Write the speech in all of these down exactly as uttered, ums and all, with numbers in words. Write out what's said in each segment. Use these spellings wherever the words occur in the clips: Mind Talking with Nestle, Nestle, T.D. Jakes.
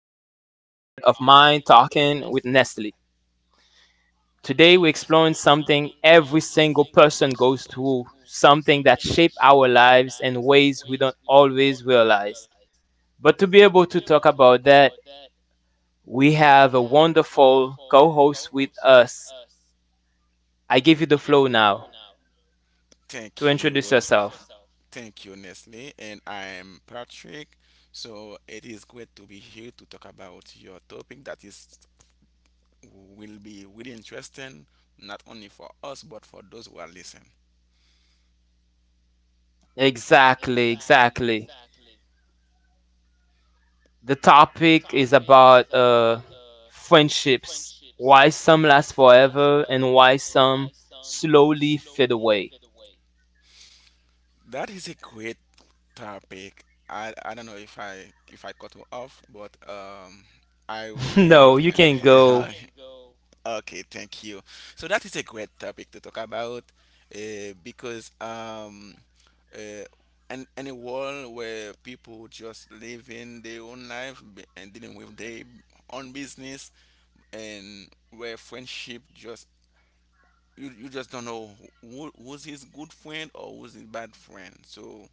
of Mind Talking with Nestle. Today, we're exploring something every single person goes through, something that shape our lives in ways we don't always realize. But to be able to talk about that, we have a wonderful co host with us. I give you the flow now to Thank introduce you. yourself. Thank you, Nestle. And I'm Patrick. So it is great to be here to talk about your topic that is will be really interesting, not only for us but for those who are listening. Exactly, exactly. The topic is about uh, friendships, why some last forever and why some slowly fade away. That is a great topic. I, I don't know if I if I cut you off, but um, I really en- No, you can go. en- okay, thank you. So that is a great topic to talk about, uh, because um, uh, in, in a world where people just living their own life b- and dealing with their own business, and where friendship just you you just don't know who was his good friend or was his bad friend. So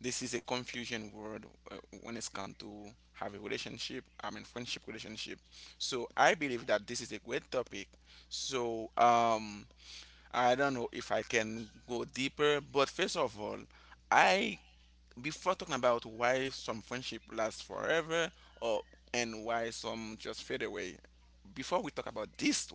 this is a confusion word uh, when it's come to have a relationship. I mean friendship relationship. So I believe that this is a great topic. So um I don't know if I can go deeper, but first of all, I before talking about why some friendship lasts forever or and why some just fade away. Before we talk about this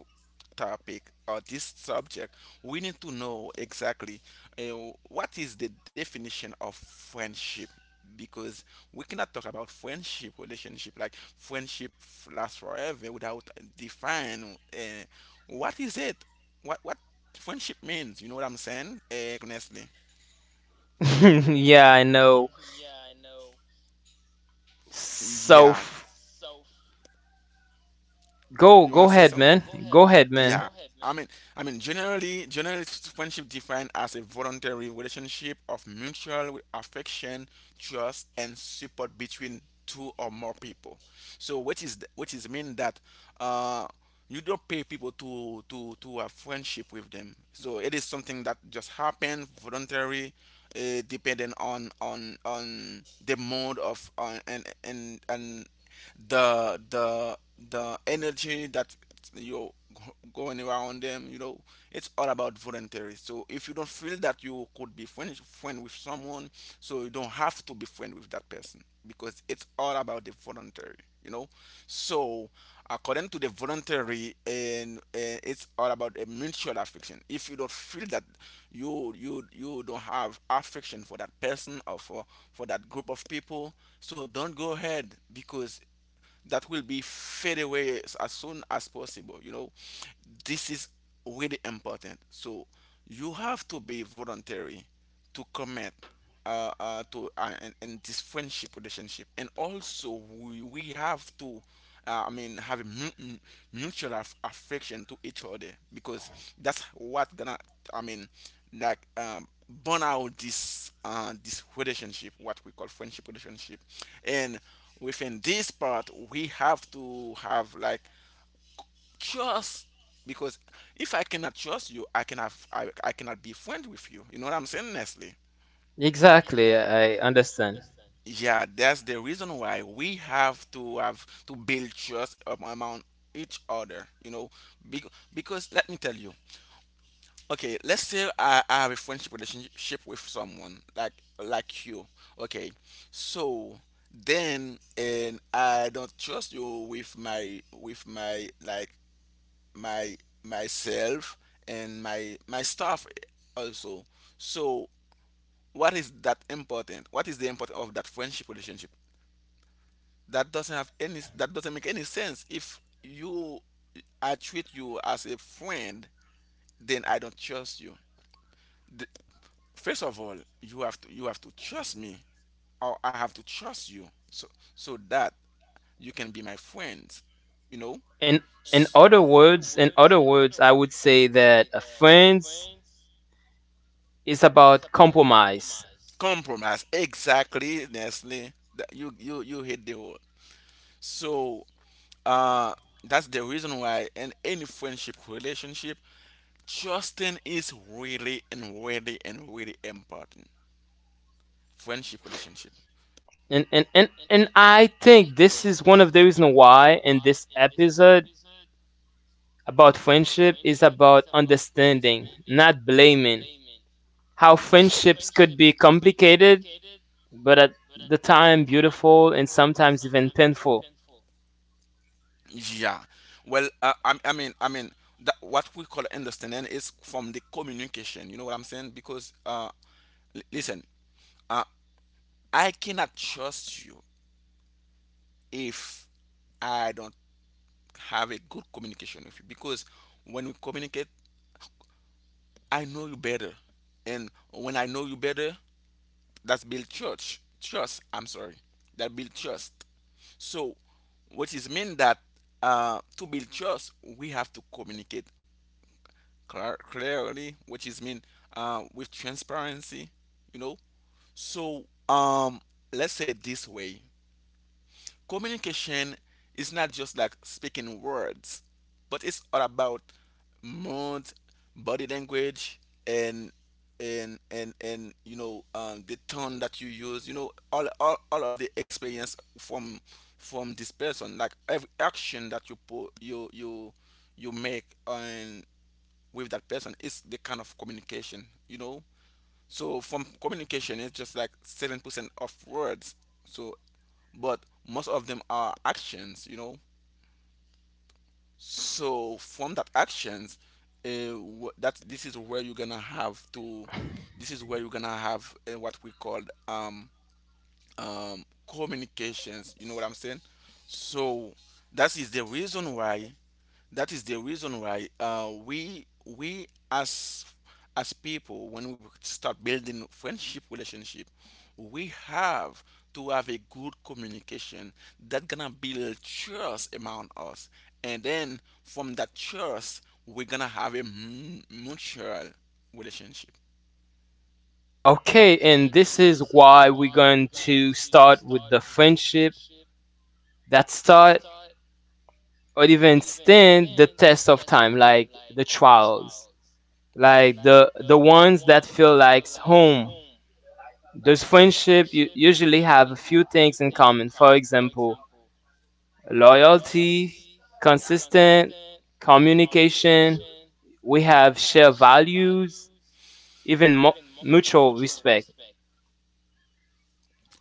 topic or this subject, we need to know exactly uh, what is the definition of friendship because we cannot talk about friendship relationship like friendship f- lasts forever without define uh, what is it what what friendship means. You know what I'm saying? Uh, honestly, Yeah, I know. So yeah. f- go You go wanna say ahead, something? man. Go ahead, man. Yeah, I mean, I mean, generally, generally, it's friendship defined as a voluntary relationship of mutual affection, trust, and support between two or more people. So, which is which is mean that uh, you don't pay people to to to have friendship with them. So, it is something that just happened voluntary, uh, depending on on on the mode of on and and and the the the energy that you're going around them, you know. It's all about voluntary, so if you don't feel that you could be friend, friend with someone, so you don't have to be friend with that person because it's all about the voluntary, you know. So according to the voluntary and uh, it's all about a mutual affection. If you don't feel that you you you don't have affection for that person or for for that group of people, so don't go ahead because that will be fade away as, as soon as possible. You know, this is really important. So you have to be voluntary to commit uh, uh, to uh, and, and this friendship relationship, and also, we, we have to. Uh, I mean, have a mu- mu- mutual aff- affection to each other because that's what gonna. I mean, like, um, burn out this uh, this relationship, what we call friendship relationship, and within this part we have to have like trust because if I cannot trust you, I cannot i, I cannot be friend with you. You know what I'm saying, Nestle? Exactly, I understand. Yeah, that's the reason why we have to have to build trust up among each other, you know. Because, because let me tell you, okay, let's say I, I have a friendship relationship with someone like like you, okay. So then and I don't trust you with my with my like my myself and my my staff also. So what is that important, what is the importance of that friendship relationship that doesn't have any, that doesn't make any sense. If you I treat you as a friend then I don't trust you, the, first of all you have to you have to trust me or I have to trust you so so that you can be my friend, you know. In In in S- other words, in other words, I would say that uh, friends is about compromise. Compromise, exactly, Nestle. That you you you hit the word. So uh that's the reason why in any friendship relationship, trusting is really and really and really important, friendship relationship. And and, and and I think this is one of the reasons why in this episode about friendship is about understanding, not blaming. How friendships could be complicated, but at the time beautiful and sometimes even painful. Yeah, well, uh, I, I mean, i mean that what we call understanding is from the communication. You know what I'm saying? Because uh l- listen, uh, I cannot trust you if I don't have a good communication with you, because when we communicate, I know you better, and when I know you better, that's build church trust. I'm sorry, that build trust. So, which is mean that uh, to build trust, we have to communicate clar- clearly, which is mean uh, with transparency, you know. So, um, let's say it this way: communication is not just like speaking words, but it's all about mood, body language, and and and and you know, um, the tone that you use. You know, all, all all of the experience from from this person, like every action that you put you you you make and with that person, is the kind of communication. You know, so from communication, it's just like seven percent of words. So, but most of them are actions, you know. So from that actions, uh, wh- that this is where you're gonna have to, this is where you're gonna have uh, what we call um, um, communications. You know what I'm saying? So that is the reason why that is the reason why uh, we we as as people, when we start building friendship relationship, we have to have a good communication that gonna build trust among us, and then from that trust, we're gonna have a mu- mutual relationship. Okay, and this is why we're going to start with the friendship that start or even stand the test of time, like the trials, like the the ones that feel like home. Those friendship u- usually have a few things in common. For example, loyalty, consistent communication. We have shared values, even mu- mutual respect,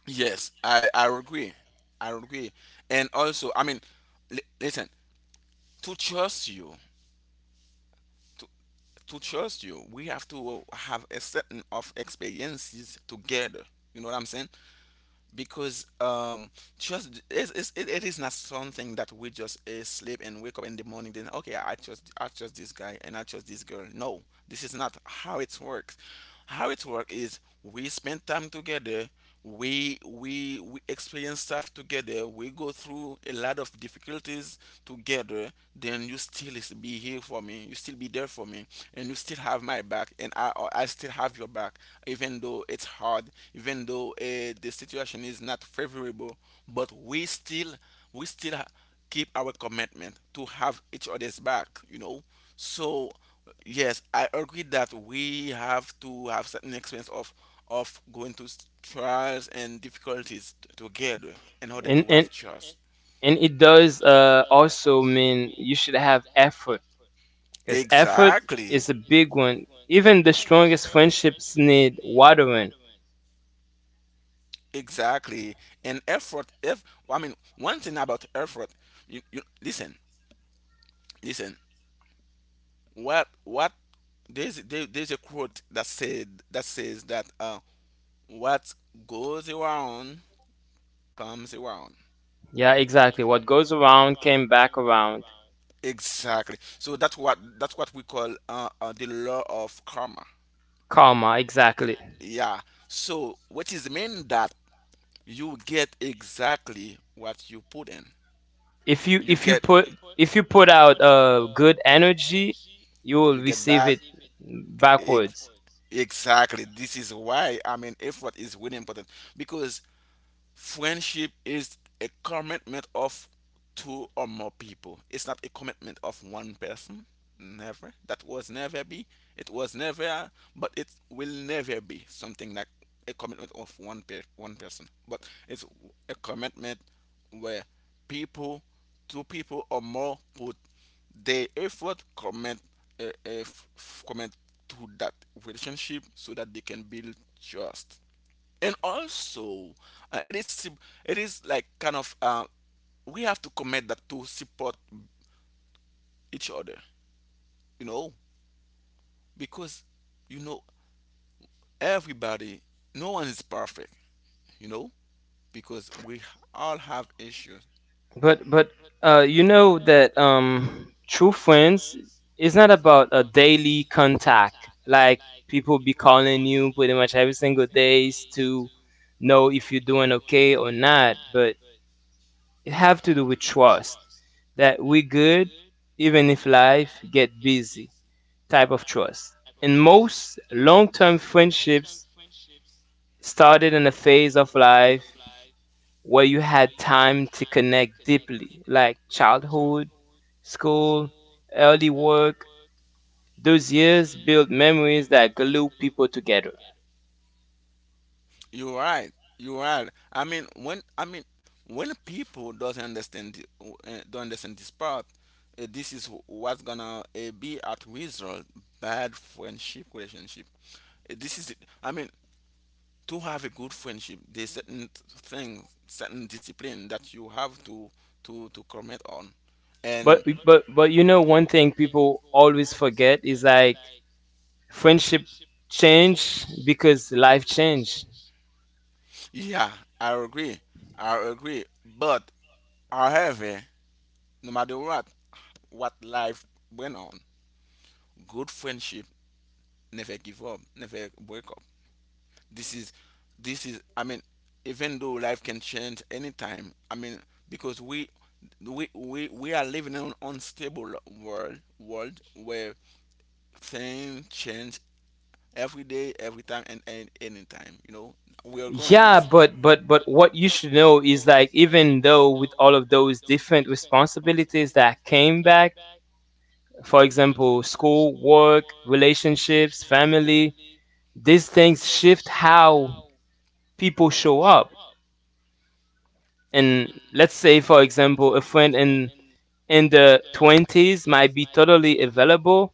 Yes, I I agree. I agree. And also, I mean, li- listen, to trust you, to trust you, we have to have a certain of experiences together. You know what I'm saying? Because um, trust is is it, it is not something that we just uh, sleep and wake up in the morning. Then, okay, I trust I trust this guy and I trust this girl. No, this is not how it works. How it works is we spend time together, we we we experience stuff together, we go through a lot of difficulties together. Then you still is be here for me, you still be there for me, and you still have my back, and i i still have your back, even though it's hard, even though uh, the situation is not favorable, but we still we still ha- keep our commitment to have each other's back, you know. So yes, I agree that we have to have certain experience of of going to s- trials and difficulties t- together in order and to have, and okay, trust. and it does uh, also mean you should have effort, because effort is Exactly. a big one. Even the strongest friendships need watering. Exactly. And effort, if I mean one thing about effort, you, you listen, listen. What what there's there, there's a quote that said that says that uh what goes around comes around. Yeah, exactly. What goes around came back around. Exactly. So that's what that's what we call uh, uh the law of karma. Karma, exactly. Yeah. So what is mean that you get exactly what you put in. If you You if you get, put if you put out uh good energy, you will you get receive back, it ex- backwards. exactly. This is why I mean effort is really important because friendship is a commitment of two or more people. It's not a commitment of one person. Never. That was never be. It was never, but it will never be something like a commitment of one per- one person. But it's a commitment where people, two people or more, put their effort, commit, uh, uh, f- commit to that relationship so that they can build trust, and also uh, it is sup- it is like kind of uh, we have to commit that to support each other, you know, because, you know, everybody, no one is perfect, you know, because we all have issues. But but uh, you know that um, true friends is not about a daily contact. Like, people be calling you pretty much every single days to know if you're doing okay or not. But it have to do with trust that we good even if life get busy type of trust. And most long-term friendships started in a phase of life where you had time to connect deeply, like childhood, school, early work. Those years build memories that glue people together. You're right, you're right. I mean, when I mean, when people doesn't understand the, uh, don't understand this part, uh, this is wh- what's gonna uh, be at result bad friendship relationship. Uh, this is it. I mean, to have a good friendship, there's certain things, certain discipline that you have to to to comment on. But And but but you know, one thing people always forget is like friendship change because life changed. yeah, I agree. I agree. But however, no matter what, what life went on, good friendship never give up, never break up. This is this is I mean, even though life can change anytime, I mean, because we we we, we are living in an unstable world, world where things change every day, every time, and, and anytime. You know, we are growing Yeah, this. but but but what you should know is like, even though with all of those different responsibilities that came back, for example, school, work, relationships, family, these things shift how people show up. And let's say, for example, a friend in in the twenties might be totally available,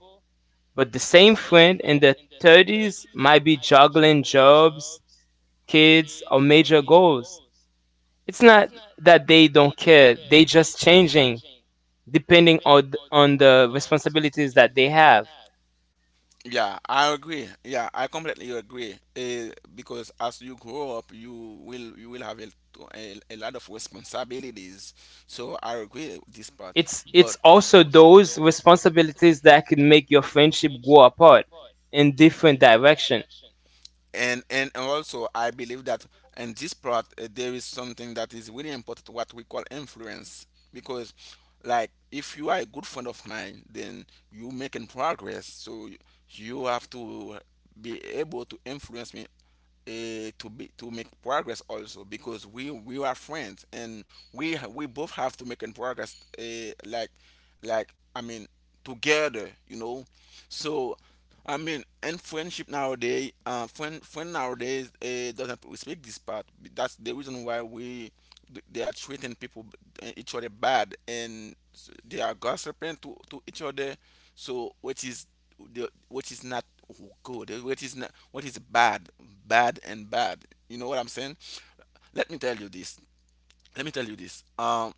but the same friend in the thirties might be juggling jobs, kids, or major goals. It's not that they don't care, they just changing depending on th- on the responsibilities that they have. Yeah, I agree. Yeah, I completely agree. Uh, because as you grow up, you will you will have a, a, a lot of responsibilities. So I agree with this part. it's But it's also those those responsibilities that can make your friendship go apart in different direction. and and and also I believe that in this part, uh, there is something that is really important, what we call influence. Because like if you are a good friend of mine, then you making progress, so you have to be able to influence me, uh, to be to make progress also, because we we are friends, and we ha- we both have to make an progress, uh, like like I mean, together you know so. I mean, and friendship nowadays, uh, friend friend nowadays, uh, doesn't respect this part. That's the reason why we th- they are treating people, uh, each other, bad, and s- they are gossiping to, to each other. So what is the what is not good, eh, what is not what is bad, bad and bad, you know what I'm saying. let me tell you this Let me tell you this. um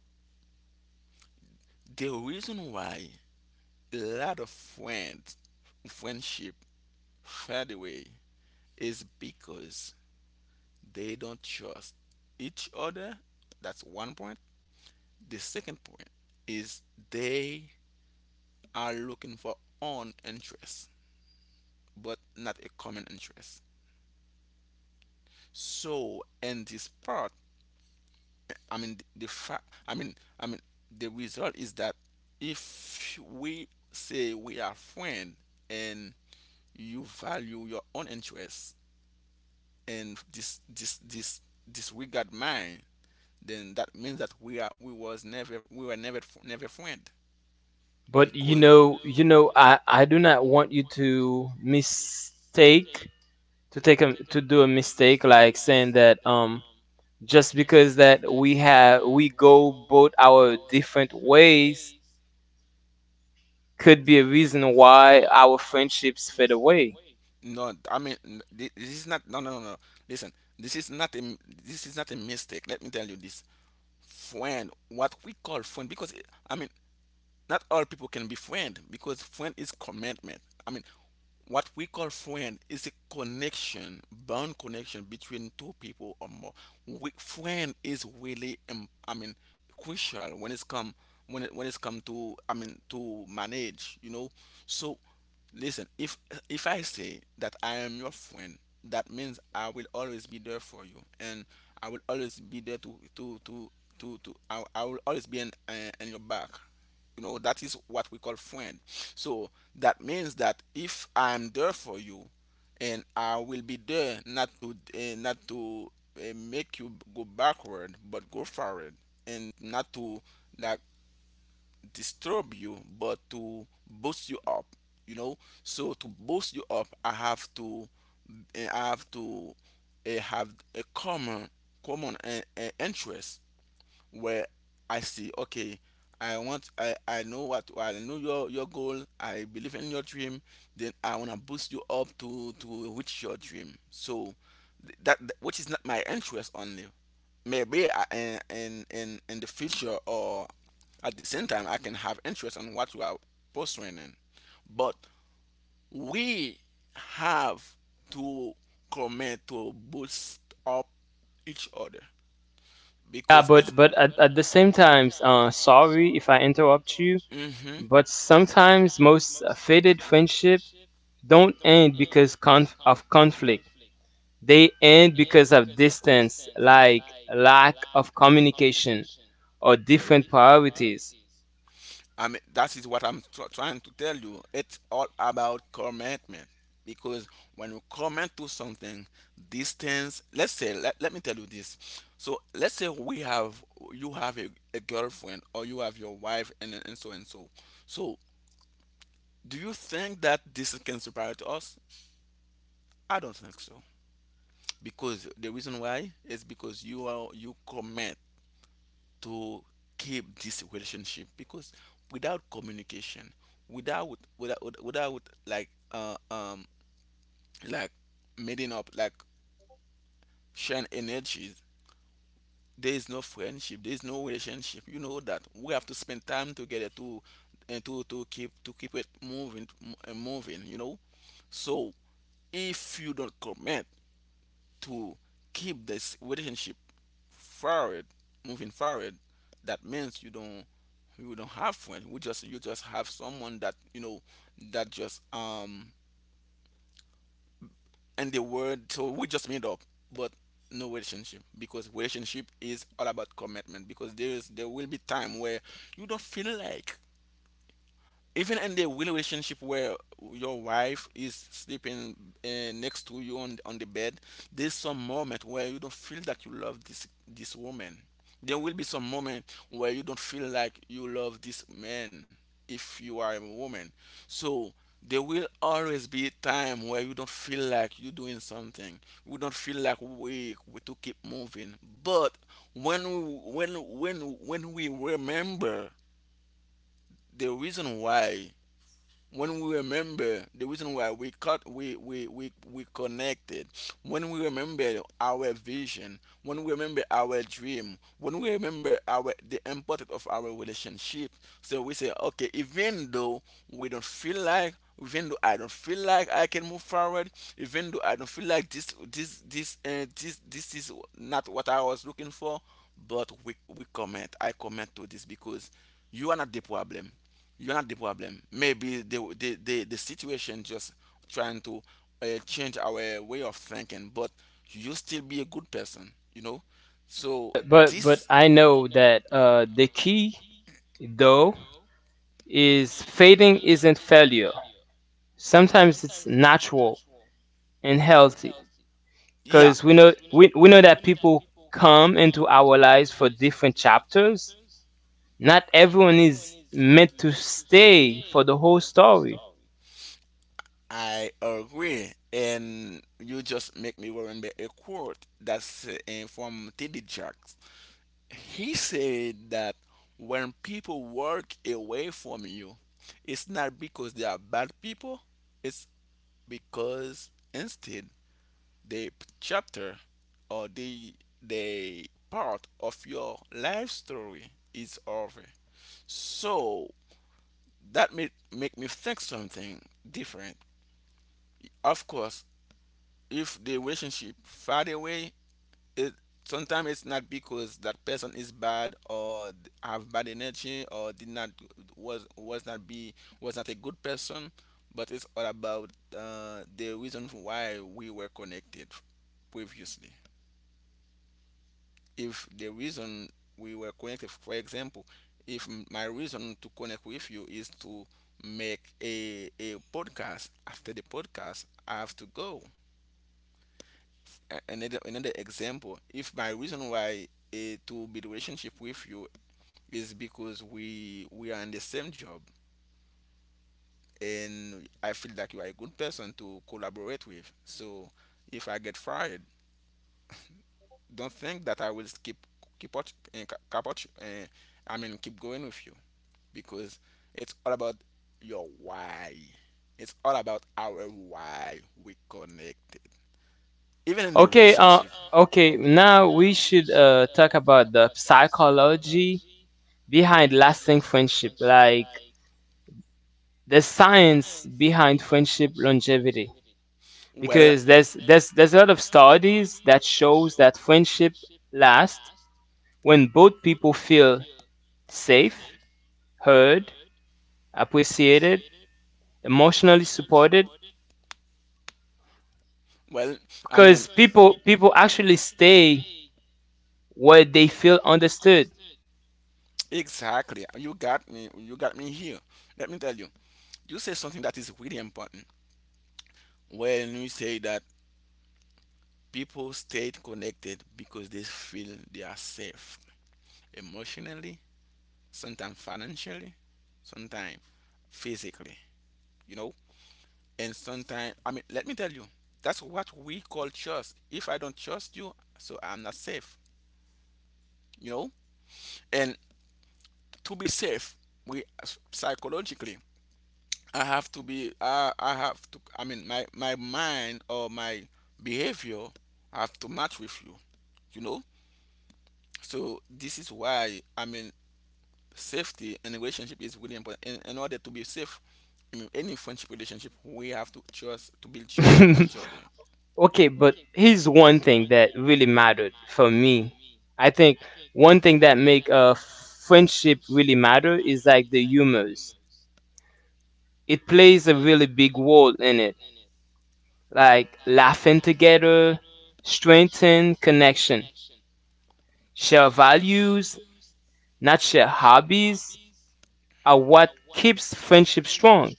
The reason why a lot of friends friendship fade away is because they don't trust each other. That's one point. The second point is they are looking for an interest, but not a common interest. So, in this part, I mean the fact, I mean, I mean the result is that if we say we are friends, and you value your own interests, and this this this disregard mine, then that means that we are we was never we were never never friend, But you because, you know, know, you know, i i do not want you to mistake mistake. to take a to do a mistake like saying that um, just because that we have we go both our different ways could be a reason why our friendships fade away. No, I mean, n- thi- this is not. No, no, no, no. Listen, this is not a. m- this is not a mistake. Let me tell you this. Friend, what we call friend, because, it- I mean, not all people can be friend, because friend is commitment. I mean, what we call friend is a connection, bond connection between two people or more. We, friend is really, um, I mean, crucial when it's come when it when it's come to, I mean, to manage, you know. So listen, if if I say that I am your friend, that means I will always be there for you, and I will always be there to to to to to. I, I will always be in, uh, in your back. You know that is what we call friend. So that means that if I am there for you, and I will be there not to uh, not to uh, make you go backward but go forward, and not to, like, disturb you, but to boost you up. You know, so to boost you up, I have to, eh, I have to, uh, have a common, common uh, uh, interest where I see, okay, I want, I, I know what, I know your, your goal. I believe in your dream. Then I want to boost you up to, to reach your dream. So th- that, th- which is not my interest only. Maybe I, in, in, in in the future or at the same time, I can have interest on what you are pursuing. In. But we have to commit to boost up each other, Yeah, because it's but but at, at the same times, uh, sorry if I interrupt you, you. Hmm. but sometimes most uh, faded friendship don't end because conf- of conflict. They end because of distance, like lack of communication or different priorities. I mean that is what I'm tr- trying to tell you. It's all about commitment, because when you commit to something, distance. Let's say let, let me tell you this. So let's say we have you have a, a girlfriend, or you have your wife, and and so and so. So do you think that distance can separate us? I don't think so, because the reason why is because you are you commit to keep this relationship. Because without communication, without without without, like, uh, um like meeting up, like sharing energies, there is no friendship, there is no relationship. You know that we have to spend time together, to and to to keep to keep it moving and moving you know so, if you don't comment to keep this relationship forward, moving forward, that means you don't you don't have friends. We just You just have someone that you know, that just um and the word, so we just made up. But no relationship, because relationship is all about commitment, because there is there will be time where you don't feel like. Even in the real relationship where your wife is sleeping, uh, next to you, on on the bed, there's some moment where you don't feel that you love this this woman. There will be some moment where you don't feel like you love this man, if you are a woman. So there will always be a time where you don't feel like you're doing something. We don't feel like we we to keep moving. But when we, when when when we remember the reason why, when we remember the reason why we cut we we we, we connected, when we remember our vision, when we remember our dream, when we remember our the importance of our relationship. So we say, okay, even though we don't feel like, even though I don't feel like I can move forward, even though I don't feel like, this this this uh, this this is not what I was looking for, but we we comment I comment to this. Because you are not the problem, you're not the problem. Maybe the the the, the situation just trying to, uh, change our way of thinking, but you still be a good person. You know. So But but this I know that uh, the key though is fading isn't failure. Sometimes it's natural and healthy, yeah, because we know we, we know that people come into our lives for different chapters. Not everyone is meant to stay for the whole story. I agree. And you just make me remember a quote that's, uh, from T D. Jakes. He said that when people walk away from you, it's not because they are bad people, it's because, instead, the chapter, or the the part of your life story is over. So that made make me think something different. Of course, if the relationship fade away, it sometimes it's not because that person is bad, or have bad energy, or did not was was not be was not a good person. But it's all about, uh, the reason why we were connected previously. If the reason we were connected, for example, if my reason to connect with you is to make a, a podcast, after the podcast I have to go. A- another, another example: if my reason why, eh, to be relationship with you is because we we are in the same job, and I feel that you are a good person to collaborate with. So if I get fired, don't think that I will skip keep out and uh, I mean keep going with you. Because it's all about your why. It's all about our why we connected. Even in the, okay, Okay, uh relationship. okay, now we should uh talk about the psychology behind lasting friendship, like the science behind friendship longevity. Well, Because there's there's there's a lot of studies that shows that friendship lasts when both people feel safe, heard, appreciated, emotionally supported, well, I mean, because people people actually stay where they feel understood. exactly. You got me. You got me here. Let me tell you. You say something that is really important when you say that people stay connected because they feel they are safe emotionally, sometimes financially, sometimes physically. You know, And sometimes, I mean, let me tell you, that's what we call trust. If I don't trust you, so I'm not safe, you know? And to be safe, we psychologically, I have to be, I, I have to, I mean, my, my mind or my behavior have to match with you, you know? So this is why, I mean, safety in a relationship is really important. In, in order to be safe, in any friendship relationship, we have to trust, to build trust to each other. Okay, but here's one thing that really mattered for me. I think one thing that make a friendship really matter is like the humors. It plays a really big role in it. Like laughing together, strengthen connection, share values, not share hobbies are what keeps friendship strong.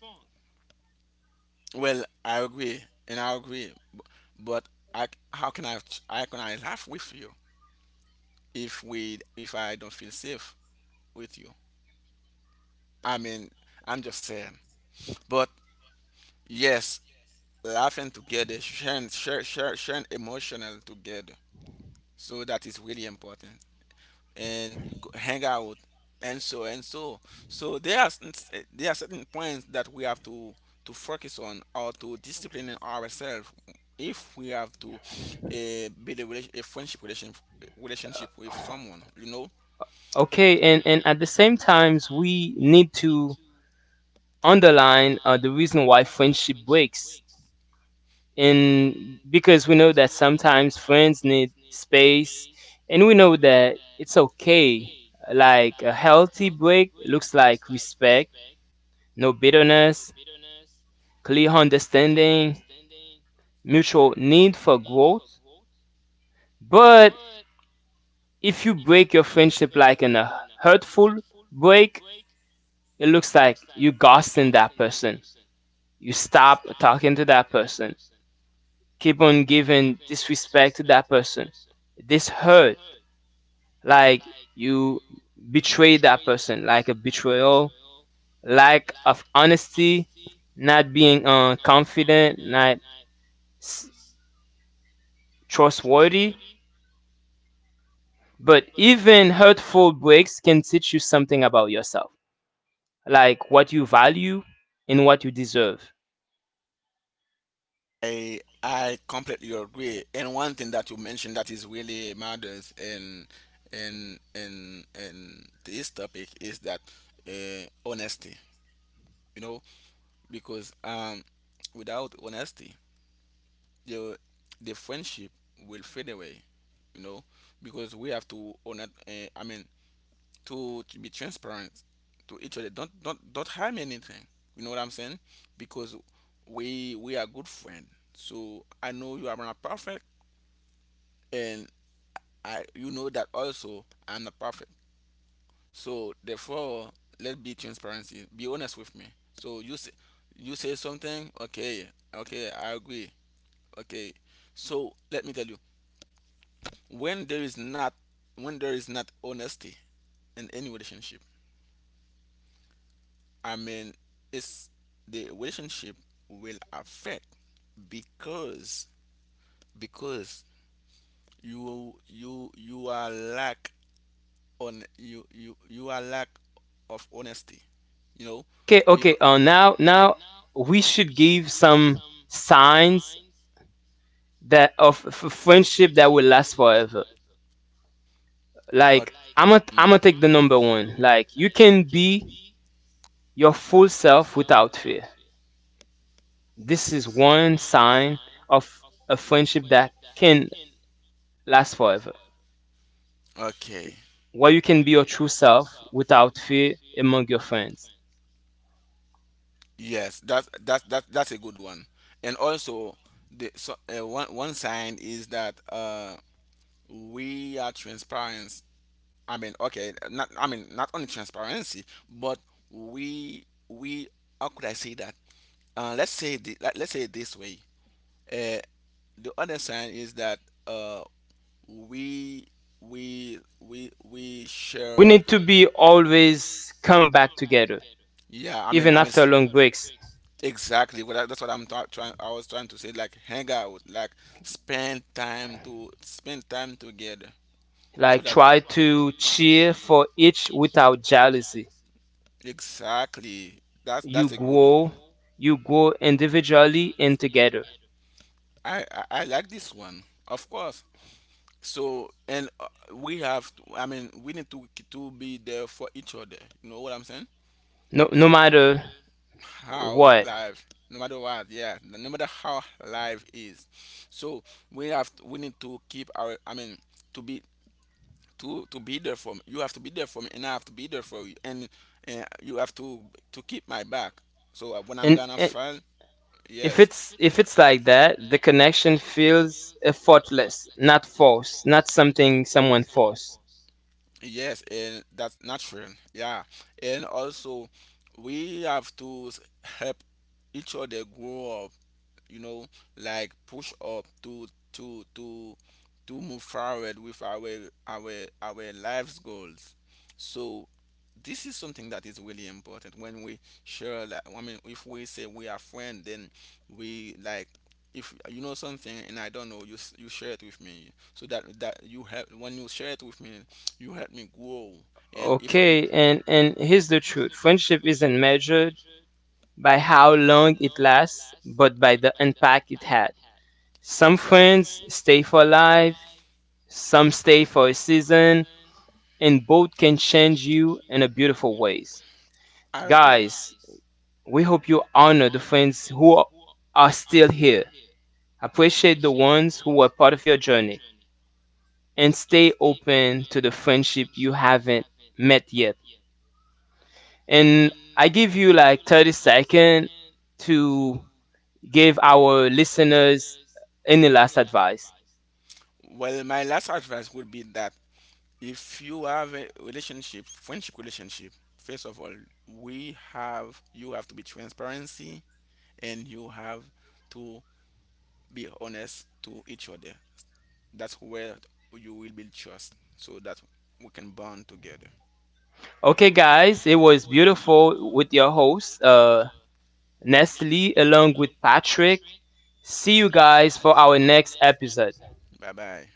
Well, I agree, and I agree. But I, how can I how can I laugh with you, if we if I don't feel safe with you? I mean, I'm just saying. But yes, laughing together, sharing share, share, sharing emotional together. So that is really important. And go- hang out and so and so. So there are certain- there are certain points that we have to to focus on, or to discipline ourselves, if we have to, uh, build a, relation, a friendship relation, relationship with someone, you know. Okay, and, and at the same times we need to underline uh, the reason why friendship breaks, and because we know that sometimes friends need space, and we know that it's okay. Like, a healthy break looks like respect, no bitterness, clear understanding, mutual need for growth. But if you break your friendship like in a hurtful break, it looks like you ghosting that person, you stop talking to that person, keep on giving disrespect to that person. This hurt, like, you betray that person, like a betrayal, lack of honesty, not being uh, confident, not s- trustworthy. But even hurtful breaks can teach you something about yourself, like what you value and what you deserve. I I completely agree. And one thing that you mentioned that is really matters in in in in this topic is that, uh, honesty. You know, because, um, without honesty, the the friendship will fade away, you know, because we have to own it. Uh, I mean, to, to be transparent to each other. Don't don't don't harm anything. You know what I'm saying? Because we we are good friends. So I know you are not perfect, and I you know that also I'm not perfect. So therefore, let be transparency. Be honest with me. So you say you say something. Okay, okay, I agree. Okay, so let me tell you, when there is not when there is not honesty in any relationship, I mean, it's the relationship will affect, because because, you you you are lack on you you you are lack of honesty you know okay okay because Yeah, uh, okay. uh, now now Now we should give some signs that of f- friendship that will last forever. now. Like Like, Like i'm gonna I'm I'm gonna gonna I'm take the gonna take number the number one. one. Like, you Like, you can can be be. your full self without fear. This is one sign of a friendship that can last forever, Okay. where you can be your true self without fear among your friends. Yes, that's that's that's that's a good one. And also, the so, uh, one one sign is that, uh, we are transparent. I mean, okay, not, I mean not only transparency. But we we, how could I say that? Uh, let's say the, let, let's say it this way. Uh, the other sign is that, uh, we we we we We share. need to be always come back together, Yeah, I mean, even I mean, after s- long breaks. exactly. What I, that's what I'm ta- trying. I was trying to say, like, hang out, like, spend time to spend time together, so Like, that try to cheer for each without jealousy. exactly. That's You that's a good grow, one. you grow individually and together. I I, I like this one, of course. So, and uh, we have. To, I mean, we need to to be there for each other. You know what I'm saying? No, no So matter how what. life No matter what, yeah, no matter how life is. So we have we need to keep our, i mean to be, to to be there for me. You have to be there for me, and I have to be there for you, and, uh, you have to to keep my back. So, uh, when I'm and, gonna and fall, if yes. it's, if it's like that, the connection feels effortless, not forced, not something someone forced. Yes, and that's natural, yeah. And also, we have to s- help each other grow, you know, like push up to to to to move forward with our our our life's goals. So this is something that is really important when we share. Like, I mean, if we say we are friend, then we like, if you know something and I don't know, you s- you share it with me, so that that you help. When you share it with me, you help me grow. And if I, Okay, you and and here's the truth: friendship isn't measured by how long it lasts, but by the impact it had. on Some Exactly, friends stay for life, some stay for a season, and both can change you in a beautiful ways. I agree. Guys, we hope you honor the friends who are still here. Appreciate the ones who were part of your journey, and stay open to the friendship you haven't met yet. And I give you like thirty seconds to give our listeners any last advice. Well, my last advice would be that if you have a relationship, friendship relationship, first of all, we have you have to be transparency, and you have to be honest to each other. That's where you will build trust so that we can bond together. Okay, guys, it was beautiful with your host, uh, Nestle, along with Patrick. See you guys for our next episode. Bye bye.